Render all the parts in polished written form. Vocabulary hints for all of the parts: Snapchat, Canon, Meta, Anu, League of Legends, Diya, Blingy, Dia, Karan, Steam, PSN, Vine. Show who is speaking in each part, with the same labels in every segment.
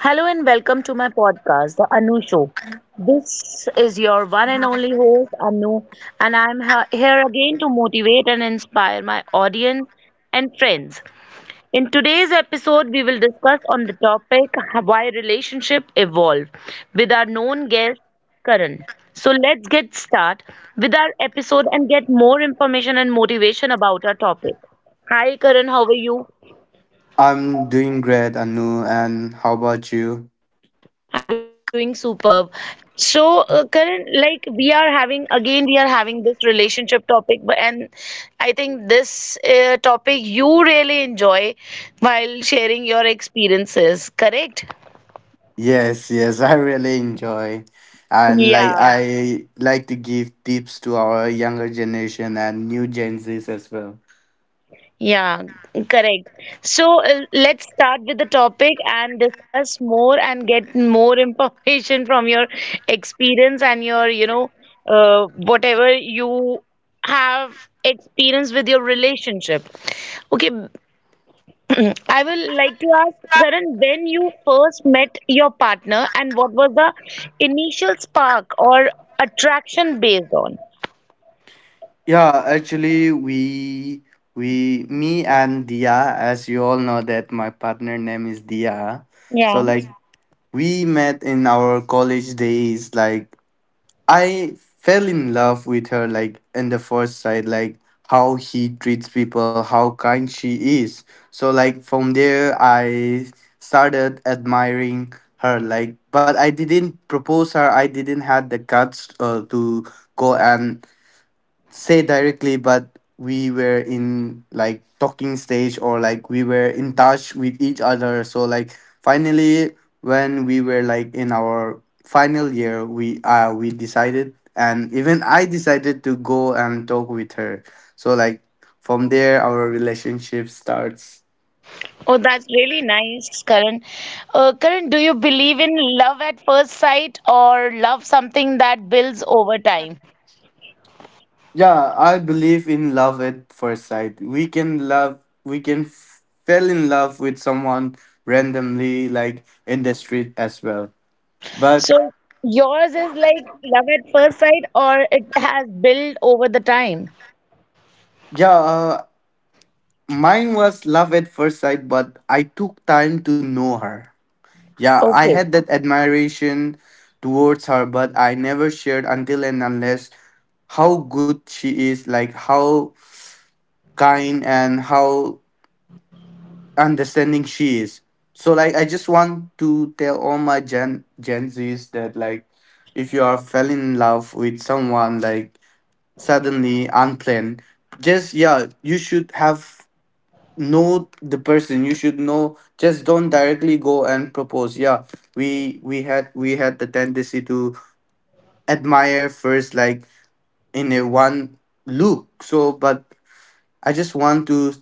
Speaker 1: Hello and welcome to my podcast, The Anu Show. This is your one and only host, Anu, and I'm here again to motivate and inspire my audience and friends. In today's episode, we will discuss on the topic why relationship evolve with our known guest, Karan. So let's get start with our episode and get more information and motivation about our topic. Hi, Karan, how are you?
Speaker 2: I'm doing great, Anu, and how about you?
Speaker 1: I'm doing superb. So, Karan, like we are having again, we are having this relationship topic, but and I think this topic you really enjoy while sharing your experiences, correct?
Speaker 2: Yes, yes, I really enjoy. And like
Speaker 1: Yeah.
Speaker 2: I like to give tips to our younger generation and new Gen Zs as well.
Speaker 1: Yeah, correct. So let's start with the topic and discuss more and get more information from your experience and your, whatever you have experience with your relationship. Okay, I will like to ask Karan, when you first met your partner and what was the initial spark or attraction based on?
Speaker 2: Yeah, actually we me and Dia, as you all know that my partner name is Dia. So
Speaker 1: Yeah.
Speaker 2: like we met in our college days, like I fell in love with her like in the first sight, like how he treats people, how kind she is. So like from there I started admiring her like but I didn't propose her. I didn't had the guts to go and say directly, but we were in like talking stage or like we were in touch with each other. So like finally, when we were like in our final year, we decided, and even I decided to go and talk with her. So like from there, our relationship starts.
Speaker 1: Oh, that's really nice, Karan. Karan, do you believe in love at first sight or love something that builds over time?
Speaker 2: Yeah, I believe in love at first sight. We can love, we can fell in love with someone randomly, like in the street as well. But
Speaker 1: So yours is like love at first sight or it has built over the time?
Speaker 2: yeah, mine was love at first sight, but I took time to know her. Yeah, I
Speaker 1: Okay.
Speaker 2: had that admiration towards her, but I never shared until and unless how good she is, like how kind and how understanding she is. So like I just want to tell all my Gen Zs that like if you are fell in love with someone like suddenly unplanned, just yeah, you should have know the person you should know just don't directly go and propose yeah we had the tendency to admire first like in a one look so but I just want to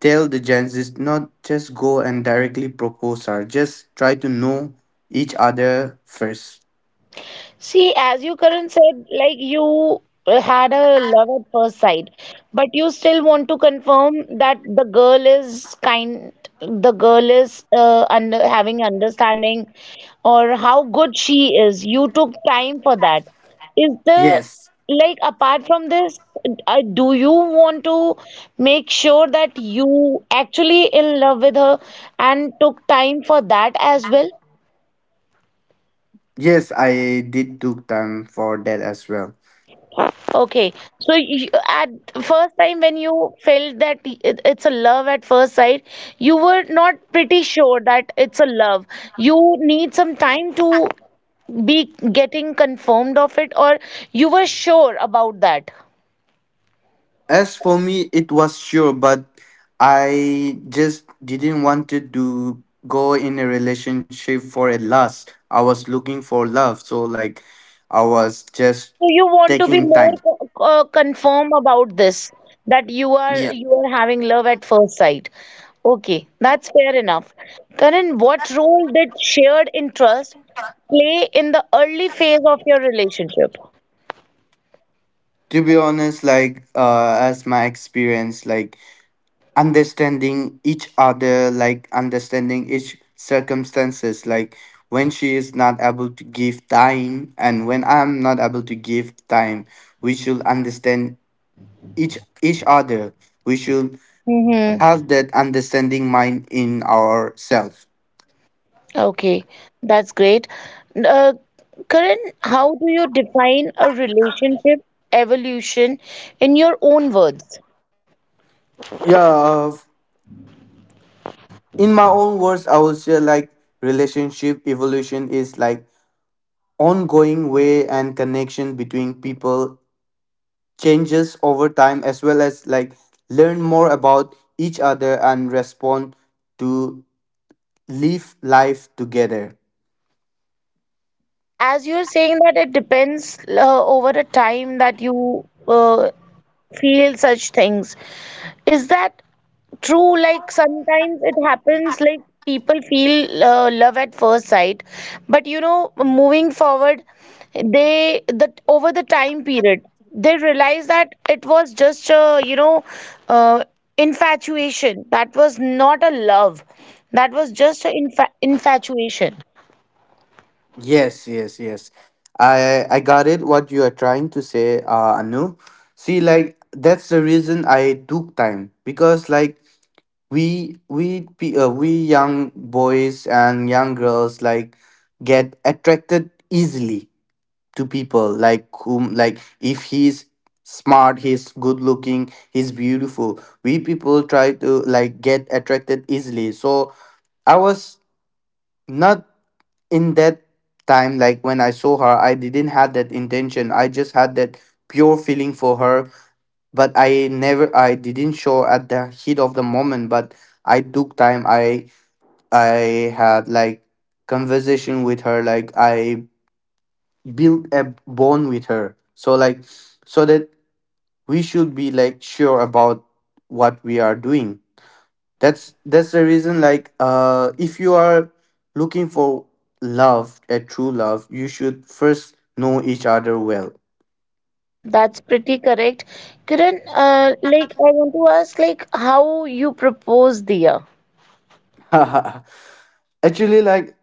Speaker 2: tell the gents is not just go and directly propose her. Just try to know each other first.
Speaker 1: See, as you Karan said, like you had a love at first sight, but you still want to confirm that the girl is kind, the girl is having understanding, or how good she is. You took time for that. Is the
Speaker 2: Yes,
Speaker 1: Like apart from this, do you want to make sure that you actually in love with her and took time for that as well?
Speaker 2: yes, I did took time for that as well.
Speaker 1: Okay, so you, at first time when you felt that it's a love at first sight, you were not pretty sure that it's a love. You need some time to be getting confirmed of it, or you were sure about that.
Speaker 2: As for me, it was sure, but I just didn't want to do, go in a relationship for a last. I was looking for love, so like I was just
Speaker 1: So you want to be
Speaker 2: taking
Speaker 1: more
Speaker 2: time.
Speaker 1: confirm about this that
Speaker 2: Yeah.
Speaker 1: you are having love at first sight. Okay, that's fair enough. Karan, what role did shared interest play in the early phase of your relationship?
Speaker 2: To be honest, like as my experience, like understanding each other, like understanding each circumstances, like when she is not able to give time and when I'm not able to give time we should understand each other. We should
Speaker 1: Mm-hmm.
Speaker 2: have that understanding mind in ourselves.
Speaker 1: Okay, that's great. N- Uh, Karan, how do you define a relationship evolution in your own words?
Speaker 2: Yeah, uh, in my own words, I would say like relationship evolution is like ongoing way and connection between people changes over time as well as like learn more about each other and respond to live life together.
Speaker 1: See, as you're saying that it depends over a time that you uh, feel such things. Is that true? Like sometimes it happens, like people feel love at first sight, but moving forward, they that over the time period, they realize that it was just a uh, infatuation. That was not a love. That was just an infatuation.
Speaker 2: Yes, yes, yes. I got it what you are trying to say, Anu. See, like that's the reason I took time because like we young boys and young girls like get attracted easily to people like whom like if he's smart, he's good looking, he's beautiful. We people try to like get attracted easily. So I was not in that time, like when I saw her, I didn't have that intention. I just had that pure feeling for her, but I never, I didn't show at the heat of the moment. But I took time. I had like conversation with her. Like I built a bond with her. So like, so that we should be like sure about what we are doing that's the reason like if you are looking for love a true love you should first know each other well.
Speaker 1: That's pretty correct. Kiran, like I want to ask, like how you propose, dear?
Speaker 2: Actually like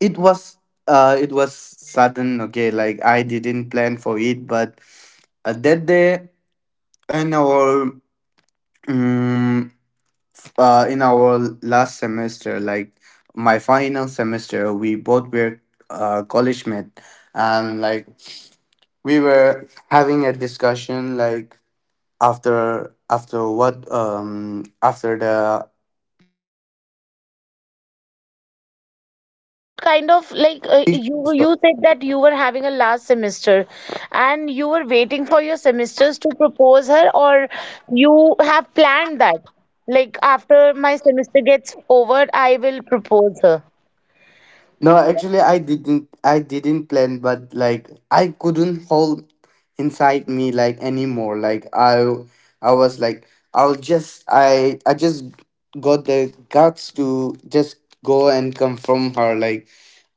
Speaker 2: it was it was sudden, okay, like I didn't plan for it but that day in our um, in our last semester like my final semester we both were college mate and like we were having a discussion like after what after the
Speaker 1: Like what kind of like you
Speaker 3: So-
Speaker 1: said that you were having a last semester and you were waiting for your semesters to propose her or you have planned that like after my semester gets over I will propose her.
Speaker 3: No, actually, I didn't. I didn't plan, but like I couldn't hold inside me like anymore. Like I was like, I just got the guts to just go and confront her. Like,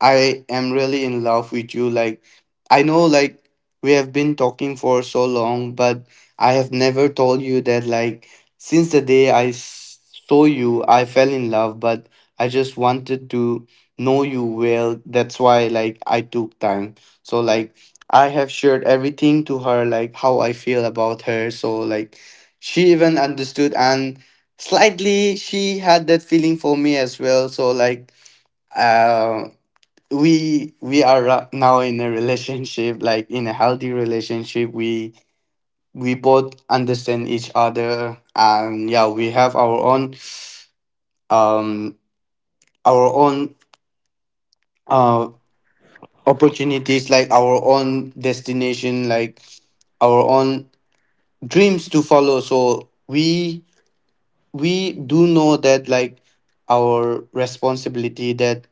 Speaker 3: I am really in love with you. Like, I know, like we have been talking for so long, but I have never told you that. Like, since the day saw you, I fell in love, but I just wanted to know you well that's why like I took time so like I have shared everything to her like how I feel about her so like she even understood and slightly she had that feeling for me as well so like uh we are now in a relationship like in a healthy relationship we both understand each other and yeah we have um our own uh. opportunities like our own destination like our own dreams to follow so we do know that like our responsibility that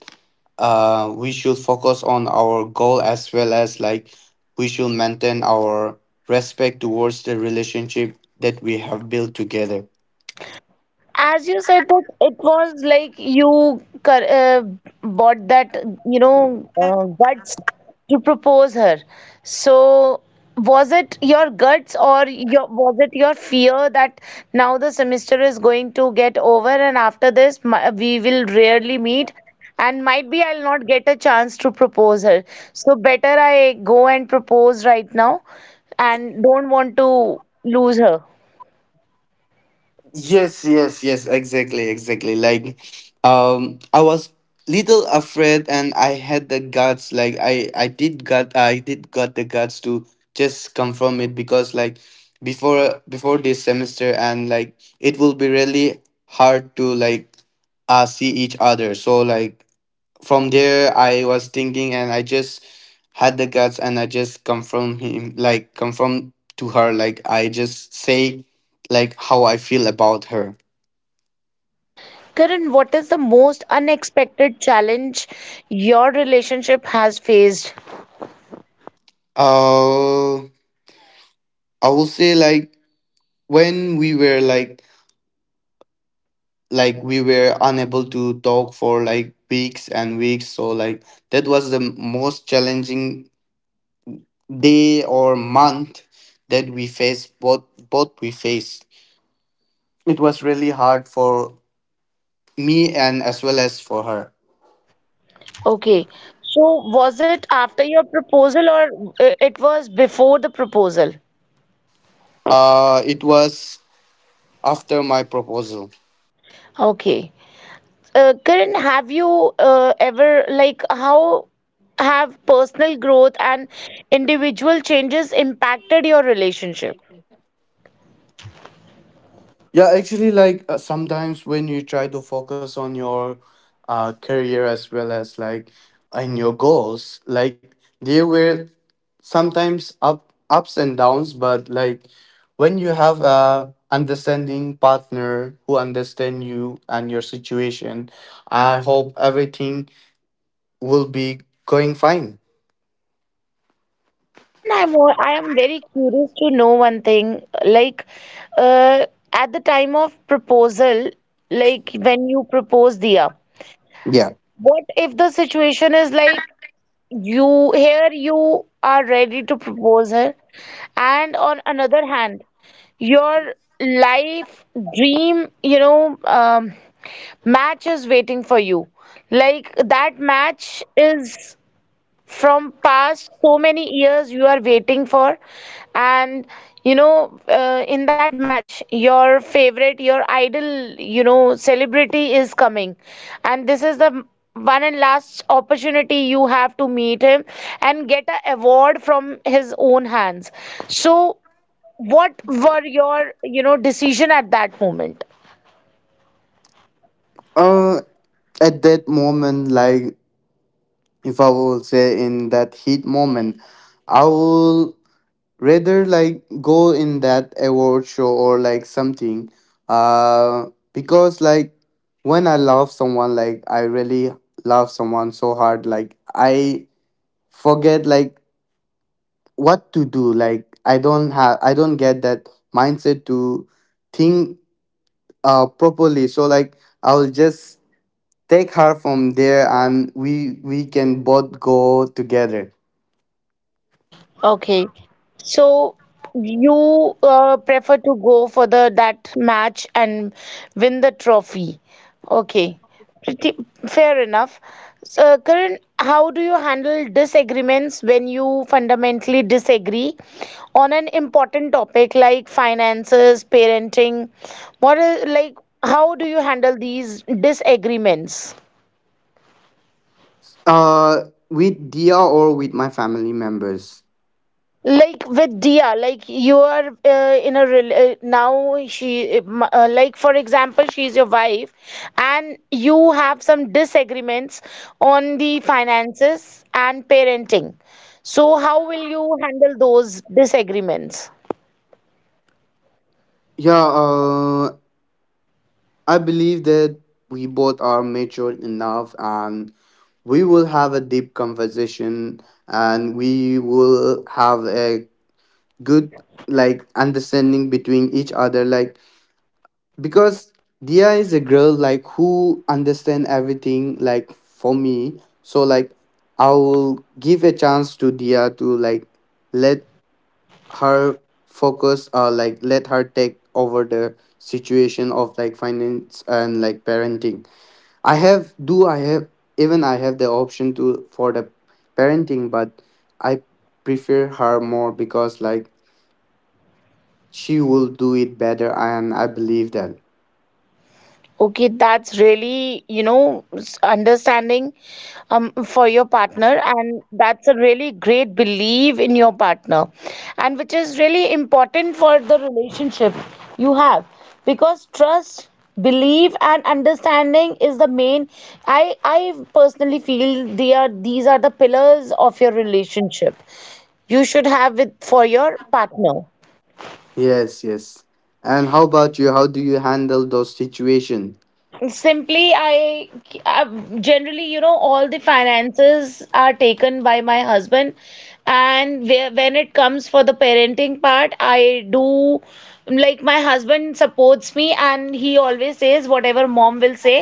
Speaker 3: we should focus on our goal as well as like we should maintain our respect towards the relationship that we have built together.
Speaker 1: As you said that it was like you bought that, guts to propose her. So was it your guts or your was it your fear that now the semester is going to get over and after this we will rarely meet and might be I'll not get a chance to propose her. So better I go and propose right now and don't want to lose her.
Speaker 3: Yes, yes, yes, exactly, exactly. Like, I was little afraid, and I had the guts. Like, I did got the guts to just confirm it because, like, before this semester, and like, it will be really hard to like, see each other. So like, from there I was thinking and I just had the guts and I just confirm to her like I just say like how I feel about her.
Speaker 1: Karan, what is the most unexpected challenge your relationship has faced?
Speaker 3: uh I will say like when we were like we were unable to talk for like weeks and weeks so like that was the most challenging day or month that we faced both we faced it was really hard for me and as well as for her.
Speaker 1: Okay, so was it after your proposal or it was before the proposal?
Speaker 3: It was after my proposal.
Speaker 1: Okay. Karan, have you ever, like, how have personal growth and individual changes impacted your relationship?
Speaker 3: Yeah, actually, like sometimes when you try to focus on your career as well as like in your goals, like there were sometimes up ups and downs, but like when you have a understanding partner who understand you and your situation, I hope everything will be going fine.
Speaker 1: Karan, I am very curious to know one thing. Like, uh, at the time of proposal, like when you propose, Diya,
Speaker 3: Yeah.
Speaker 1: what if the situation is like you here you are ready to propose her, and on another hand, your life dream, you know, um, match is waiting for you. Like that match is from past so many years you are waiting for and in that match your idol celebrity is coming and this is the one and last opportunity you have to meet him and get a award from his own hands so what were your decision at that moment.
Speaker 3: Uh, at that moment, like if I will say in that heat moment, I will rather like go in that award show or like something. Uh, because like when I love someone, like I really love someone so hard, like I forget like what to do. Like I don't get that mindset to think properly. So like I will just take her from there, and we can both go together.
Speaker 1: Okay. So you prefer to go for the that match and win the trophy. Okay. Pretty fair enough. So, Karan, how do you handle disagreements when you fundamentally disagree on an important topic like finances, parenting? What is like How do you handle these disagreements?
Speaker 3: With Dia or with my family members.
Speaker 1: Like with Dia, like you are now she like for example she is your wife and you have some disagreements on the finances and parenting. So how will you handle those disagreements?
Speaker 3: Yeah, I believe that we both are mature enough and we will have a deep conversation and we will have a good like understanding between each other like because Dia is a girl like who understand everything like for me so like I will give a chance to Dia to like let her focus like let her take over the situation of like finance and like parenting. I have do I have even I have the option to for the parenting but I prefer her more because like she will do it better and I believe that.
Speaker 1: Okay, that's really, understanding for your partner, and that's a really great belief in your partner, and which is really important for the relationship you have because trust, belief, and understanding is the main. I personally feel they are these are the pillars of your relationship you should have with for your partner.
Speaker 3: Yes, yes. And how about you, how do you handle those situation?
Speaker 1: Simply, I uh, generally, all the finances are taken by my husband, and where, when it comes for the parenting part, I do like my husband supports me, and he always says whatever mom will say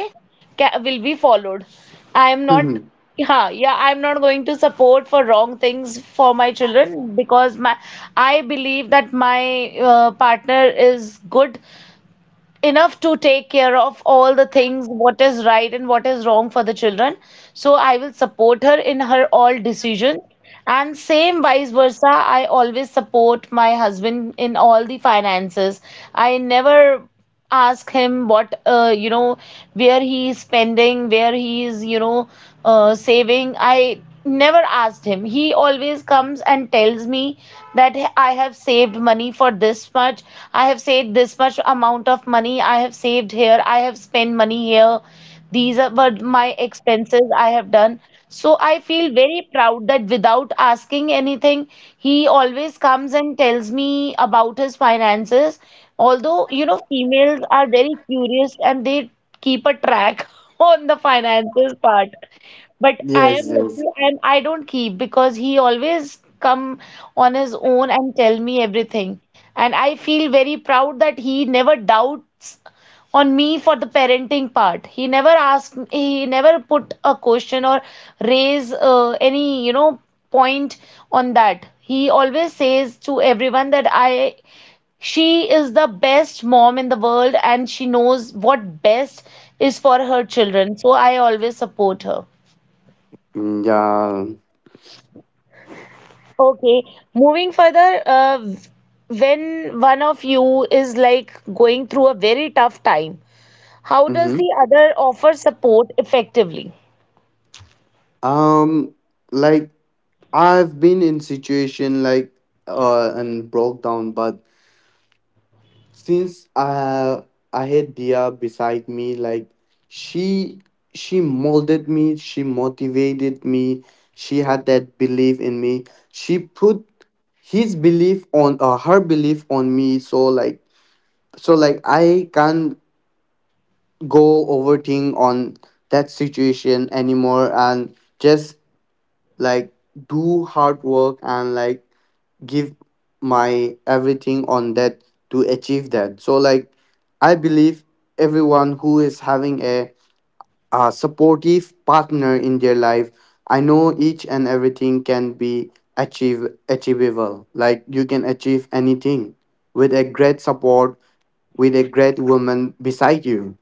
Speaker 1: will be followed. I am not, yeah, yeah, I'm not going to support for wrong things for my children because my I believe that my partner is good enough to take care of all the things, what is right and what is wrong for the children. So I will support her in her all decisions. And same vice versa, I always support my husband in all the finances. I never ask him what you know where he is spending, where he is saving. I never asked him, he always comes and tells me that I have saved money for this much, I have saved this much amount of money, I have saved here, I have spent money here, these are were my expenses I have done. So I feel very proud that without asking anything, he always comes and tells me about his finances. Although, females are very curious and they keep a track on the finances part. But I am
Speaker 3: Yes,
Speaker 1: lucky
Speaker 3: yes.
Speaker 1: and I don't keep because he always come on his own and tell me everything. And I feel very proud that he never doubts on me for the parenting part. He never asked, he never put a question or raise any, point on that. He always says to everyone that she is the best mom in the world and she knows what best is for her children. So I always support her.
Speaker 3: Mm, yeah.
Speaker 1: Okay, moving further, when one of you is like going through a very tough time, how does
Speaker 3: Mm-hmm.
Speaker 1: the other offer support effectively?
Speaker 3: Um, like I've been in situation like and broke down, but since I had Dia beside me, like she she molded me, she motivated me, she had that belief in me. She put his belief on her belief on me. So like I can't go overthink on that situation anymore and just like do hard work and like give my everything on that to achieve that so like I believe everyone who is having a supportive partner in their life I know each and everything can be achieve achievable like you can achieve anything with a great support with a great woman beside you.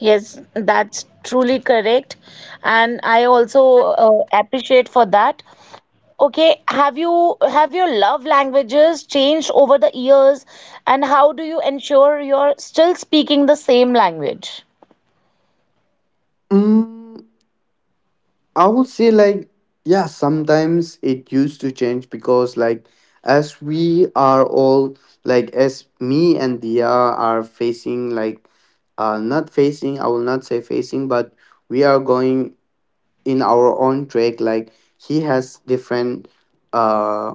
Speaker 1: Yes, that's truly correct. And I also appreciate for that. Okay, have you have your love languages changed over the years, and how do you ensure you're still speaking the same language?
Speaker 3: Mm, I would say like yeah, sometimes it used to change because like as we are all like as me and Dia are facing like not facing, I will not say facing, but we are going in our own track. Like he has different uh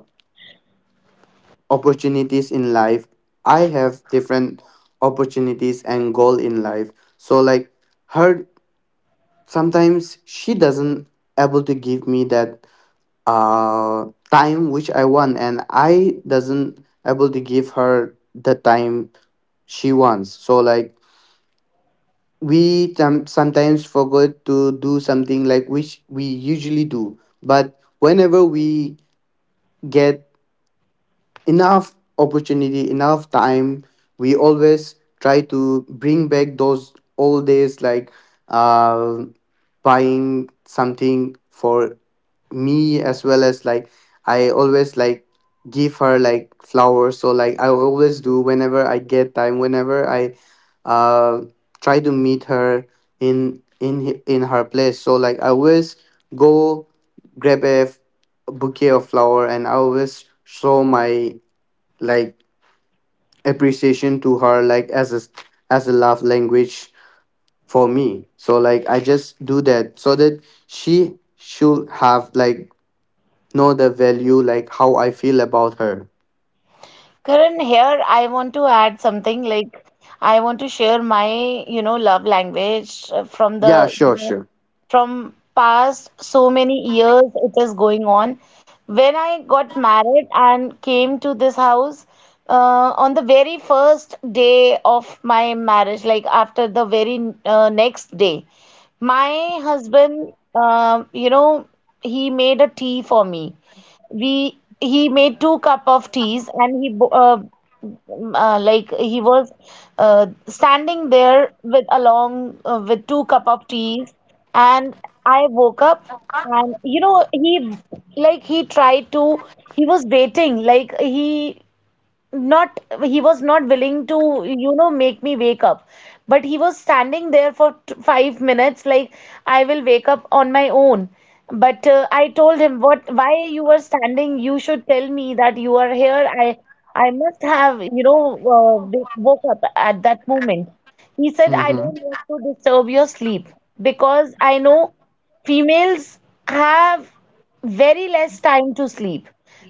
Speaker 3: opportunities in life. I have different opportunities and goal in life. So like her sometimes she doesn't able to give me that uh time which I want and I doesn't able to give her the time she wants so like sometimes forget to do something like which we usually do but whenever we get enough opportunity, enough time. We always try to bring back those old days, like uh, buying something for me as well as like I always like give her like flowers. So like I always do whenever I get time, whenever I uh try to meet her in her place. So like I always go grab a bouquet of flower and I always show my like appreciation to her like as a love language for me so like I just do that so that she should have like know the value like how I feel about her.
Speaker 1: Karan, here I want to add something like I want to share my, you know, love language from
Speaker 3: Yeah,
Speaker 1: the, you
Speaker 3: sure,
Speaker 1: know,
Speaker 3: sure.
Speaker 1: from past so many years it is going on. When I got married and came to this house, on the very first day of my marriage, like after the very next day, my husband, he made a tea for me. We he made two cup of teas and he like he was standing there with along with two cup of teas, and I woke up and he like he tried to he was waiting, like he not he was not willing to make me wake up, but he was standing there for 5 minutes like I will wake up on my own. But I told him, what, why you are standing? You should tell me that you are here. I must have woke up at that moment. He said, I
Speaker 3: Mm-hmm.
Speaker 1: don't want to disturb your sleep because I know females have very less time to sleep,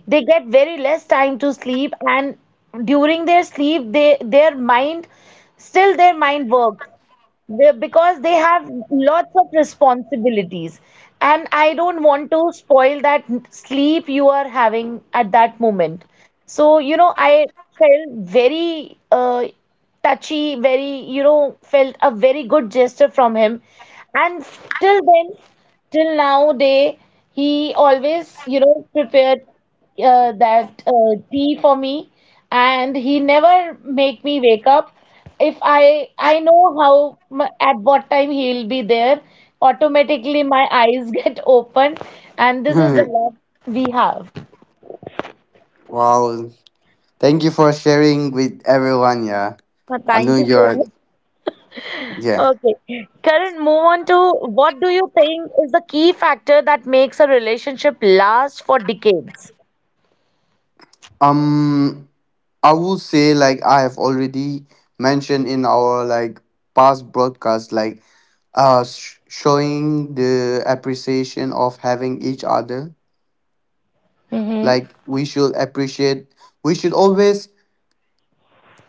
Speaker 1: they get very less time to sleep, and during their sleep they their mind, still their mind works, because they have lots of responsibilities, and I don't want to spoil that sleep you are having at that moment. So I felt very touchy, very you know felt a very good gesture from him, and till then, till now day, he always prepared that tea for me, and he never make me wake up. If I know how at what time he'll be there, automatically my eyes get open, and this is the
Speaker 3: Hmm.
Speaker 1: love we have.
Speaker 3: Wow, thank you for sharing with everyone, yeah. I
Speaker 1: Thank
Speaker 3: know
Speaker 1: you so
Speaker 3: you're,
Speaker 1: much.
Speaker 3: yeah.
Speaker 1: Okay, Karan, move on to what do you think is the key factor that makes a relationship last for decades?
Speaker 3: um I would say like I have already mentioned in our like past broadcast like showing the appreciation of having each other.
Speaker 1: Mm-hmm.
Speaker 3: Like we should appreciate, we should always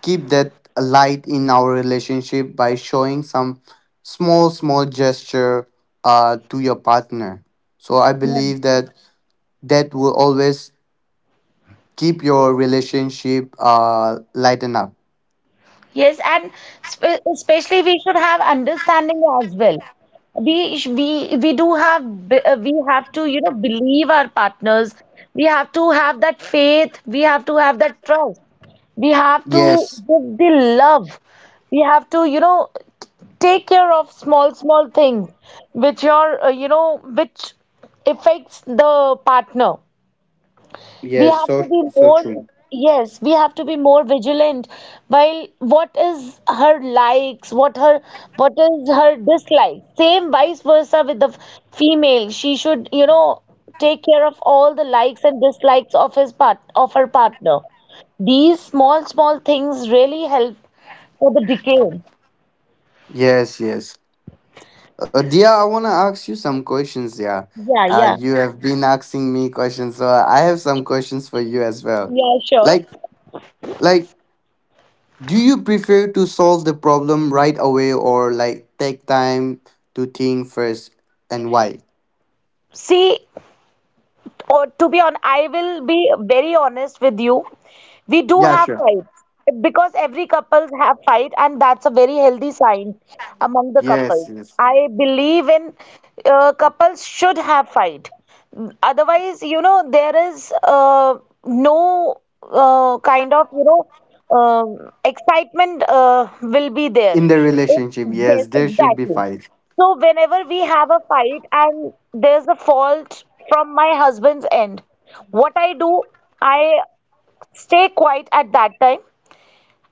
Speaker 3: keep that light in our relationship by showing some small small gesture to your partner so I believe that that will always keep your relationship lighten up.
Speaker 1: Yes, and especially we should have understanding as well. We do have we have to you know believe our partners. We have to have that faith. We have to have that trust. We have to
Speaker 3: Yes.
Speaker 1: give the love. We have to you know take care of small small things which are you know which affects the partner. We
Speaker 3: Yes,
Speaker 1: have to
Speaker 3: so
Speaker 1: be
Speaker 3: so
Speaker 1: more,
Speaker 3: true.
Speaker 1: yes, we have to be more vigilant while what is her likes, what her what is her dislike. Same vice versa with the female. She should, you know, take care of all the likes and dislikes of his part of her partner. These small, small things really help for the decay.
Speaker 3: Yes, yes. Dia, I want to ask you some questions. Yeah,
Speaker 1: Yeah, yeah.
Speaker 3: you have been asking me questions, so I have some questions for you as well.
Speaker 1: Yeah, sure.
Speaker 3: Like, like, do you prefer to solve the problem right away or like take time to think first, and why?
Speaker 1: See, or to be on I will be very honest with you. We do
Speaker 3: Yeah,
Speaker 1: have
Speaker 3: sure.
Speaker 1: fights because every couples have fight and that's a very healthy sign among the couples.
Speaker 3: Yes, yes.
Speaker 1: I believe in couples should have fight, otherwise you know there is no kind of you know um, excitement will be there.
Speaker 3: In the
Speaker 1: It-
Speaker 3: relationship, yes,
Speaker 1: yes,
Speaker 3: there should be
Speaker 1: exactly.
Speaker 3: fight.
Speaker 1: So whenever we have a fight and there's a fault from my husband's end, what I do, I stay quiet at that time.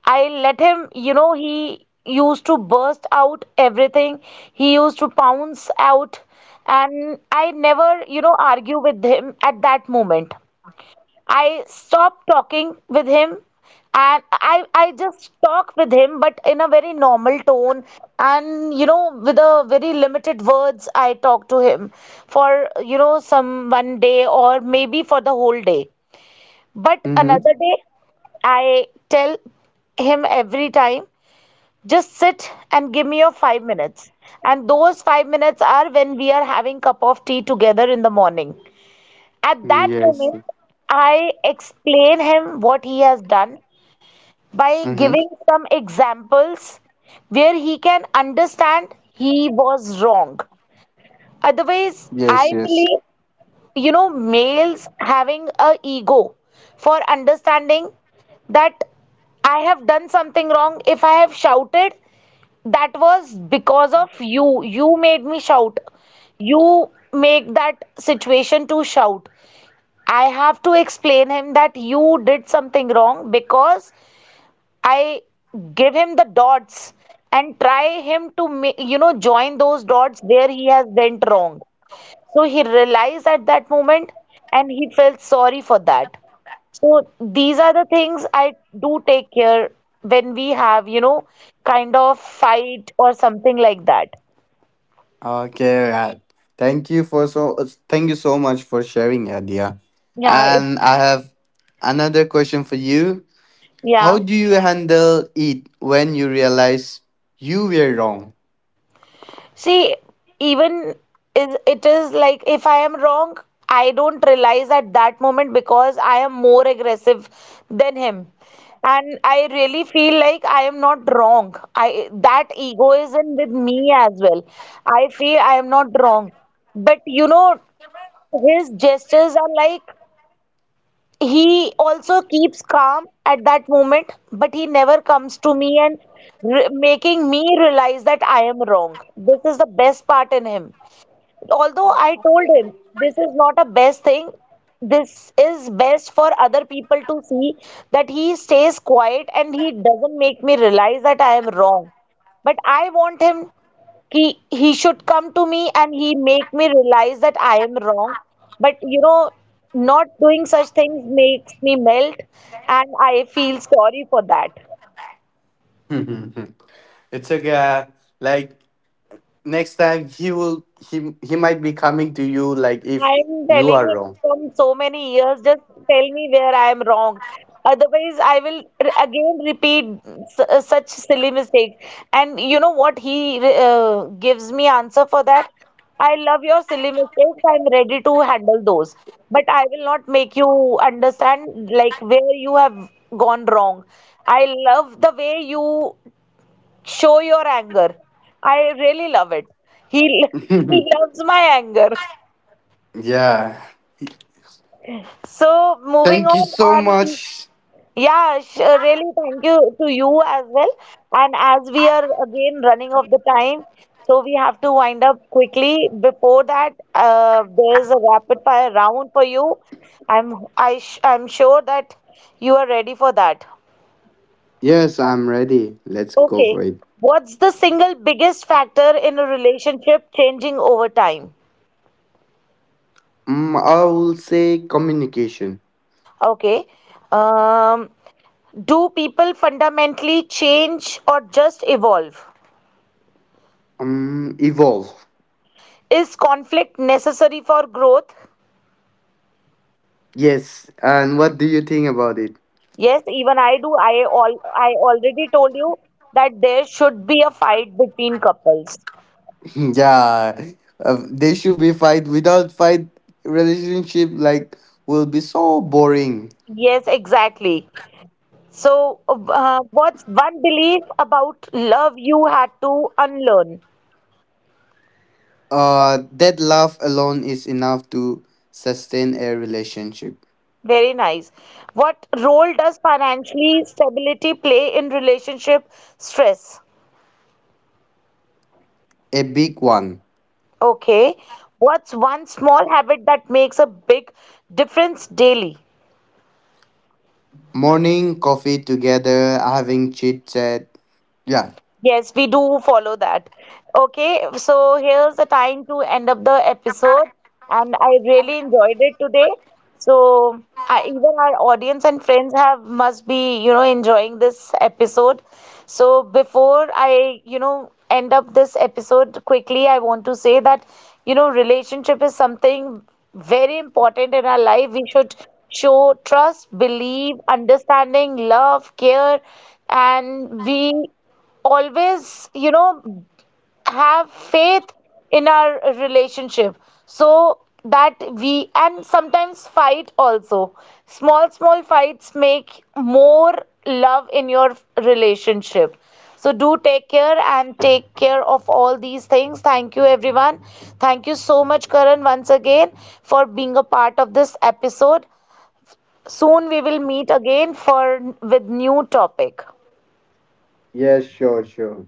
Speaker 1: I let him, you know, he used to burst out everything. He used to pounce out and I never, you know, argue with him at that moment. I stopped talking with him and I just talk with him but in a very normal tone and you know with a very limited words I talk to him for you know some one day or maybe for the whole day. But
Speaker 3: Mm-hmm.
Speaker 1: another day I tell him every time just sit and give me your 5 minutes, and those 5 minutes are when we are having cup of tea together in the morning. At that
Speaker 3: Yes.
Speaker 1: moment, I explain him what he has done by
Speaker 3: Mm-hmm.
Speaker 1: giving some examples where he can understand he was wrong. Otherwise, I
Speaker 3: Yes, yes.
Speaker 1: believe, you know, males having a ego for understanding that I have done something wrong. If I have shouted, that was because of you. You made me shout. You make that situation to shout. I have to explain him that you did something wrong because I give him the dots and try him to you know join those dots where he has went wrong. So he realized at that moment and he felt sorry for that. So these are the things I do take care when we have you know kind of fight or something like that.
Speaker 3: Okay, right. Thank you for so thank you so much for sharing, Adia.
Speaker 1: Yeah, it,
Speaker 3: And I have another question for you.
Speaker 1: yeah.
Speaker 3: How do you handle it when you realize you were wrong?
Speaker 1: See, even is it is like if I am wrong, I don't realize at that moment because I am more aggressive than him. And I really feel like I am not wrong. I that ego is in with me as well. I feel I am not wrong. But you know, his gestures are like he also keeps calm at that moment but he never comes to me and making me realize that I am wrong. This is the best part in him, although I told him this is not a best thing. This is best for other people to see that he stays quiet and he doesn't make me realize that I am wrong. But I want him, he he should come to me and he make me realize that I am wrong. But you know, not doing such things makes me melt and I feel sorry for that.
Speaker 3: It's okay. Like next time he will he might be coming to you like if
Speaker 1: I'm
Speaker 3: you
Speaker 1: telling
Speaker 3: are
Speaker 1: you
Speaker 3: wrong.
Speaker 1: from so many years, just tell me where I am wrong. Otherwise, I will again repeat such silly mistakes. And you know what? He gives me answer for that. I love your silly mistakes. I'm ready to handle those. But I will not make you understand like where you have gone wrong. I love the way you show your anger. I really love it. He, he loves my anger.
Speaker 3: Yeah.
Speaker 1: So moving
Speaker 3: Thank you
Speaker 1: on,
Speaker 3: so
Speaker 1: and the,
Speaker 3: much.
Speaker 1: yeah, really thank you to you as well. And as we are again running of the time, so we have to wind up quickly. Before that, there is a rapid fire round for you. I'm I sh I'm sure that you are ready for that.
Speaker 3: Yes, I'm ready. Let's go for
Speaker 1: Okay,
Speaker 3: it.
Speaker 1: what's the single biggest factor in a relationship changing over time?
Speaker 3: Mm, I will say communication.
Speaker 1: Okay, um, do people fundamentally change or just evolve?
Speaker 3: Evolve.
Speaker 1: Is conflict necessary for growth?
Speaker 3: Yes. And what do you think about it?
Speaker 1: Yes, even I do. I all I already told you that there should be a fight between couples.
Speaker 3: Yeah, they should be fight, without fight relationship like will be so boring.
Speaker 1: Yes, exactly. So, what's one belief about love you had to unlearn?
Speaker 3: That love alone is enough to sustain a relationship.
Speaker 1: Very nice. What role does financially stability play in relationship stress?
Speaker 3: A big one.
Speaker 1: Okay. What's one small habit that makes a big difference daily?
Speaker 3: Morning coffee together having chit chat, yeah.
Speaker 1: Yes, we do follow that. Okay, so here's the time to end up the episode, and I really enjoyed it today. So I, even our audience and friends have must be, you know, enjoying this episode. So before I, you know, end up this episode quickly, I want to say that, you know, relationship is something very important in our life. We should show trust, believe, understanding, love, care, and be always, you know, have faith in our relationship so that we and sometimes fight also. Small, small fights make more love in your relationship. So do take care and take care of all these things. Thank you, everyone. Thank you so much, Karan, once again for being a part of this episode. Soon we will meet again for with new topic.
Speaker 3: Yes, sure, sure.